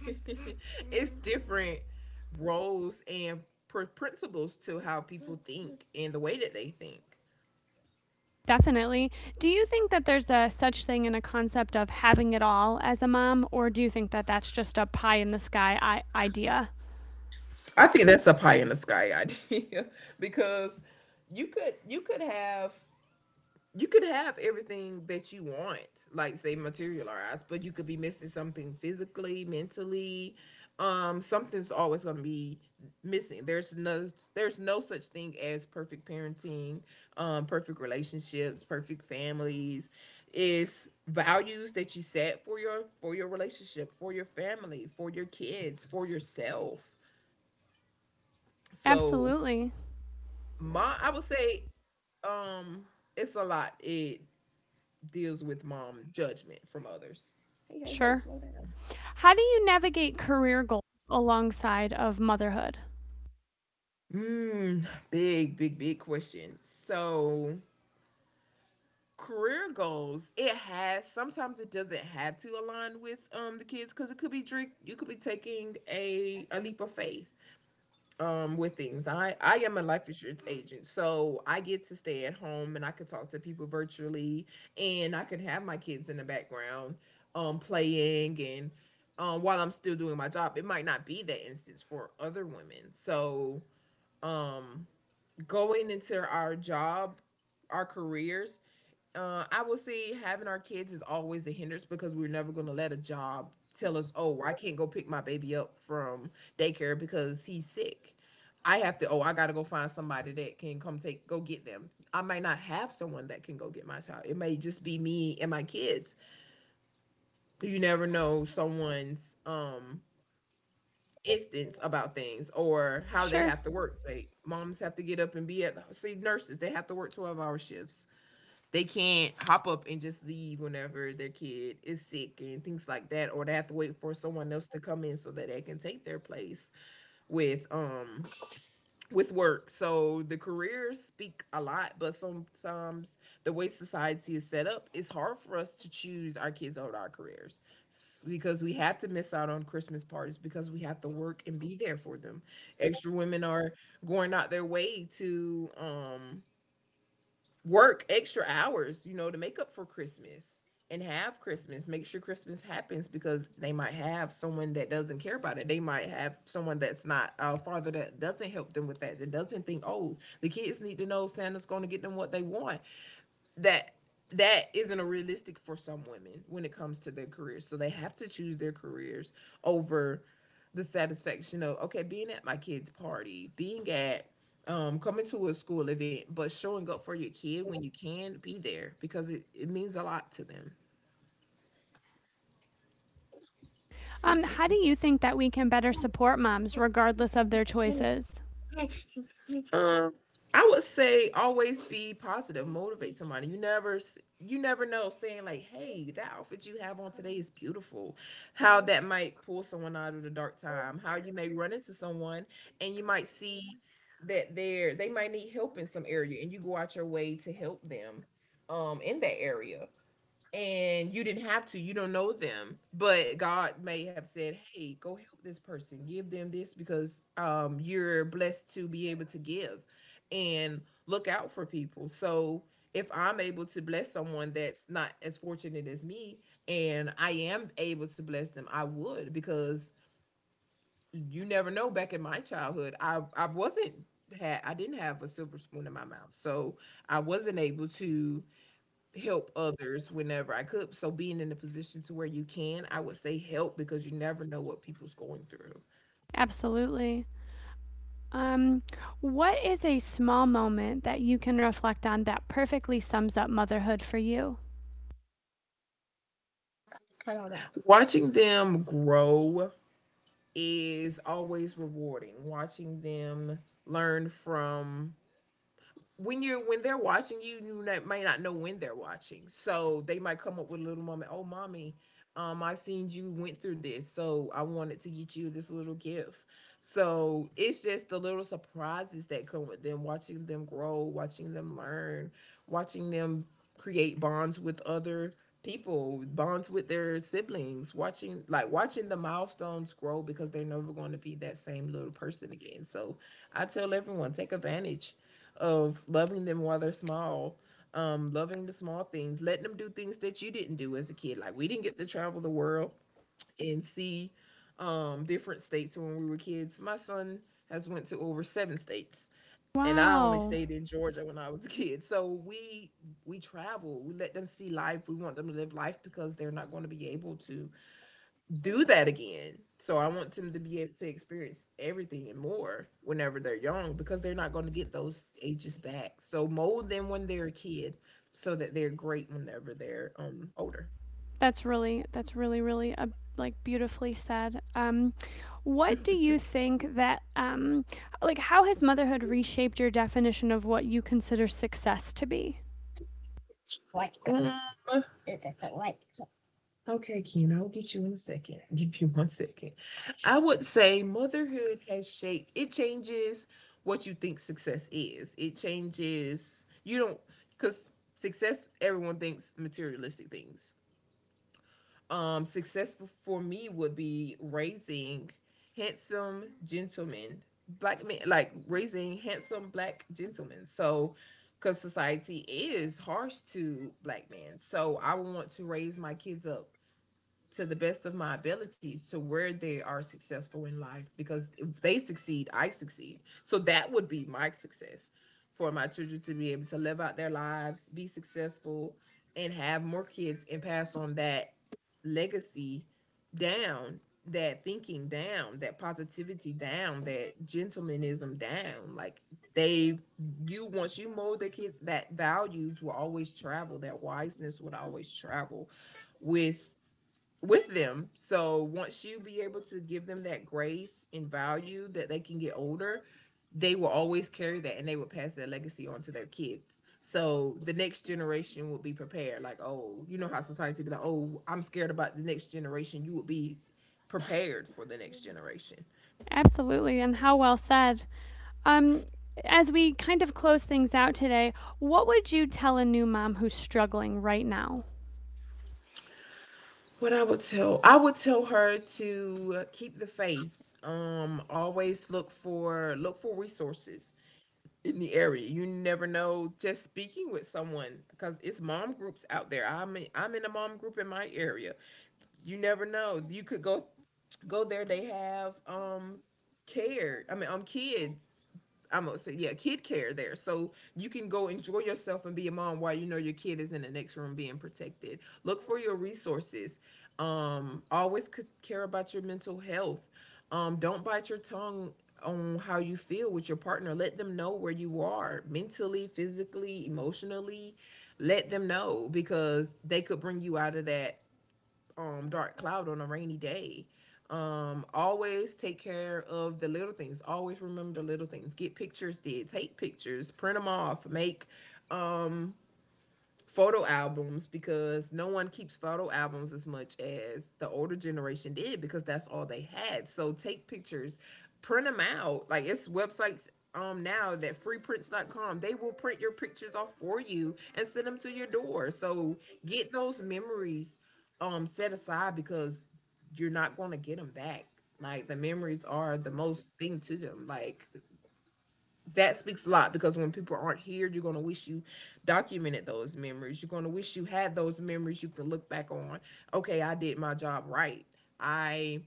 It's different roles and principles to how people think and the way that they think.
Definitely. Do you think that there's a such thing in a concept of having it all as a mom, or do you think that that's just a pie in the sky idea?
I think that's a pie in the sky idea because you could have, you could have everything that you want, like, say, materialized, but you could be missing something physically, mentally. Something's always gonna be missing. There's no such thing as perfect parenting, perfect relationships, perfect families. It's values that you set for your relationship, for your family, for your kids, for yourself. So
Absolutely.
my I would say um it's a lot. It deals with mom judgment from others? Hey, hey, hey,
Sure.
slow down.
How do you navigate career goals alongside of motherhood?
Mm, big, big, big question. So career goals, it has, sometimes it doesn't have to align with the kids, because it could be drink you could be taking a leap of faith with things. I am a life insurance agent, so I get to stay at home and I can talk to people virtually, and I can have my kids in the background, playing and while I'm still doing my job. It might not be that instance for other women. So um going into our job, our careers, I will say having our kids is always a hindrance, because we're never going to let a job tell us, oh, I can't go pick my baby up from daycare because he's sick. I have to, oh, I got to go find somebody that can come take, go get them. I might not have someone that can go get my child. It may just be me and my kids. You never know someone's instance about things or how they
Sure.
have to work. Say, moms have to get up and be at, see, nurses, they have to work 12-hour hour shifts. They can't hop up and just leave whenever their kid is sick and things like that, or they have to wait for someone else to come in so that they can take their place with um with work. So the careers speak a lot, but sometimes the way society is set up, it's hard for us to choose our kids over our careers, because we have to miss out on Christmas parties because we have to work and be there for them. Extra women are going out their way to work extra hours, you know, to make up for Christmas and have Christmas. Make sure Christmas happens, because they might have someone that doesn't care about it. They might have someone that's not a father that doesn't help them with that, that doesn't think, oh, the kids need to know Santa's going to get them what they want. That, that isn't a realistic for some women when it comes to their careers. So they have to choose their careers over the satisfaction of, okay, being at my kid's party, being at coming to a school event, but showing up for your kid when you can, be there, because it means a lot to them.
How do you think that we can better support moms regardless of their choices?
Um, I would say always be positive, motivate somebody. You never, you never know. Saying like, "Hey, that outfit you have on today is beautiful." How that might pull someone out of the dark time. How you may run into someone and you might see that they might need help in some area, and you go out your way to help them in that area. And you didn't have to, you don't know them, but God may have said, hey, go help this person, give them this, because you're blessed to be able to give and look out for people. So if I'm able to bless someone that's not as fortunate as me, and I am able to bless them, I would, because you never know. Back in my childhood, I wasn't had I didn't have a silver spoon in my mouth, so I wasn't able to help others whenever I could. So being in a position to where you can, I would say help, because you never know what people's going through.
Absolutely. Um, what is a small moment that you can reflect on that perfectly sums up motherhood for you?
Cut all that. Watching them grow is always rewarding. Watching them learn from, when you're when they're watching you, you may not know when they're watching, so they might come up with a little moment. Oh, mommy, I seen you went through this, so I wanted to get you this little gift. So it's just the little surprises that come with them, watching them grow, watching them learn, watching them create bonds with other people, bonds with their siblings, watching, like, watching the milestones grow, because they're never going to be that same little person again. So I tell everyone, take advantage of loving them while they're small, loving the small things, letting them do things that you didn't do as a kid. Like, we didn't get to travel the world and see different states when we were kids. My son has went to over 7 states, and I only
Wow.
stayed in Georgia when I was a kid. So we travel. We let them see life. We want them to live life, because they're not going to be able to do that again. So I want them to be able to experience everything and more whenever they're young, because they're not going to get those ages back. So mold them when they're a kid, so that they're great whenever they're older.
That's really really a like, beautifully said. What do you think that like, how has motherhood reshaped your definition of what you consider success to be?
Like, it doesn't, like. Okay, Ken, I'll get you in a second. I'll give you one second. I would say motherhood has shaped, it changes what you think success is. It changes, you don't, because success, everyone thinks materialistic things. Successful for me would be raising handsome gentlemen, black men, like raising handsome black gentlemen. So, because society is harsh to black men, so I would want to raise my kids up to the best of my abilities to where they are successful in life because if they succeed, I succeed. So that would be my success for my children to be able to live out their lives, be successful, and have more kids and pass on that legacy down, that thinking down, that positivity down, that gentlemanism down. Like they you, once you mold their kids, that values will always travel, that wiseness would always travel with with them. So once you be able to give them that grace and value that they can get older, they will always carry that and they will pass that legacy on to their kids. So the next generation will be prepared. Like, oh, you know how society be like, oh, I'm scared about the next generation. You will be prepared for the next generation.
Absolutely, and how well said. Um, as we kind of close things out today, what would you tell a new mom who's struggling right now?
What I would tell her to keep the faith. Always look for resources in the area. You never know. Just speaking with someone because it's mom groups out there. I'm in a mom group in my area. You never know. You could go there. They have care. I mean, kid I'm gonna say yeah, kid care there. So you can go enjoy yourself and be a mom while you know your kid is in the next room being protected. Look for your resources. Always care about your mental health. Don't bite your tongue on how you feel with your partner. Let them know where you are mentally, physically, emotionally. Let them know because they could bring you out of that dark cloud on a rainy day. Always take care of the little things. Always remember the little things. Get pictures did. Take pictures. Print them off. Make photo albums because no one keeps photo albums as much as the older generation did because that's all they had. So take pictures, print them out. Like it's websites now that freeprints.com they will print your pictures off for you and send them to your door. So get those memories set aside because you're not going to get them back. Like the memories are the most thing to them. Like that speaks a lot because when people aren't here, you're going to wish you documented those memories. You're going to wish you had those memories you can look back on. Okay, I did my job right. I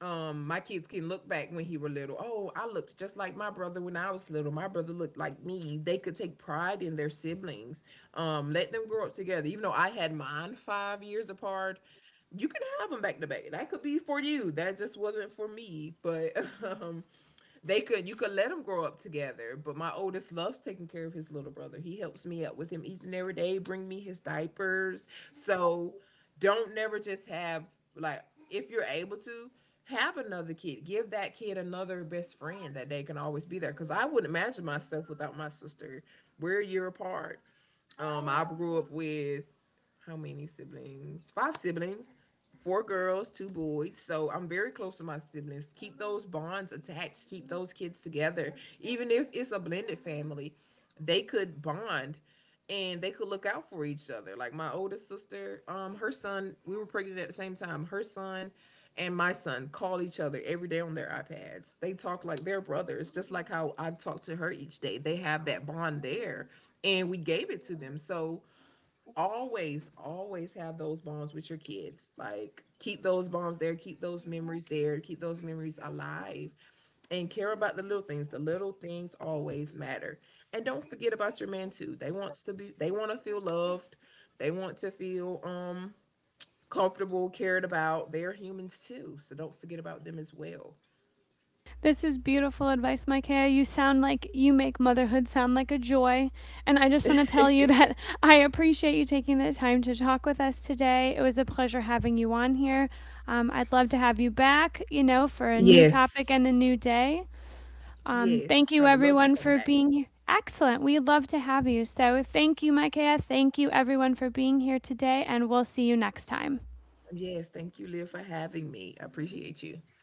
my kids can look back when he were little. Oh, I looked just like my brother when I was little. My brother looked like me. They could take pride in their siblings. Let them grow up together. Even though I had mine 5 years apart, you can have them back to back. That could be for you. That just wasn't for me. But um, they could you could let them grow up together, but my oldest loves taking care of his little brother. He helps me out with him each and every day, bring me his diapers. So don't never just have, like, if you're able to have another kid, give that kid another best friend that they can always be there, because I would not imagine myself without my sister. We're a year apart. I grew up with how many siblings? Five siblings, four girls, two boys. So I'm very close to my siblings. Keep those bonds attached. Keep those kids together, even if it's a blended family, they could bond and they could look out for each other. Like my oldest sister, her son, we were pregnant at the same time. Her son and my son call each other every day on their iPads. They talk like they're brothers, just like how I talk to her each day. They have that bond there, and we gave it to them. So always, always have those bonds with your kids. Like keep those bonds there, keep those memories there, keep those memories alive, and care about the little things. The little things always matter. And don't forget about your man too. They want to feel loved. They want to feel comfortable, cared about. They're humans too, so don't forget about them as well.
This is beautiful advice, Micaiah. You sound like you make motherhood sound like a joy. And I just want to tell you that I appreciate you taking the time to talk with us today. It was a pleasure having you on here. I'd love to have you back, for a new topic
Yes.
and a new day. Thank you,
Yes, I would
everyone,
love to
for
come back.
being here. Excellent. We'd love to have you. So thank you, Micaiah. Thank you, everyone, for being here today. And we'll see you next time.
Yes, thank you, Liv, for having me. I appreciate you.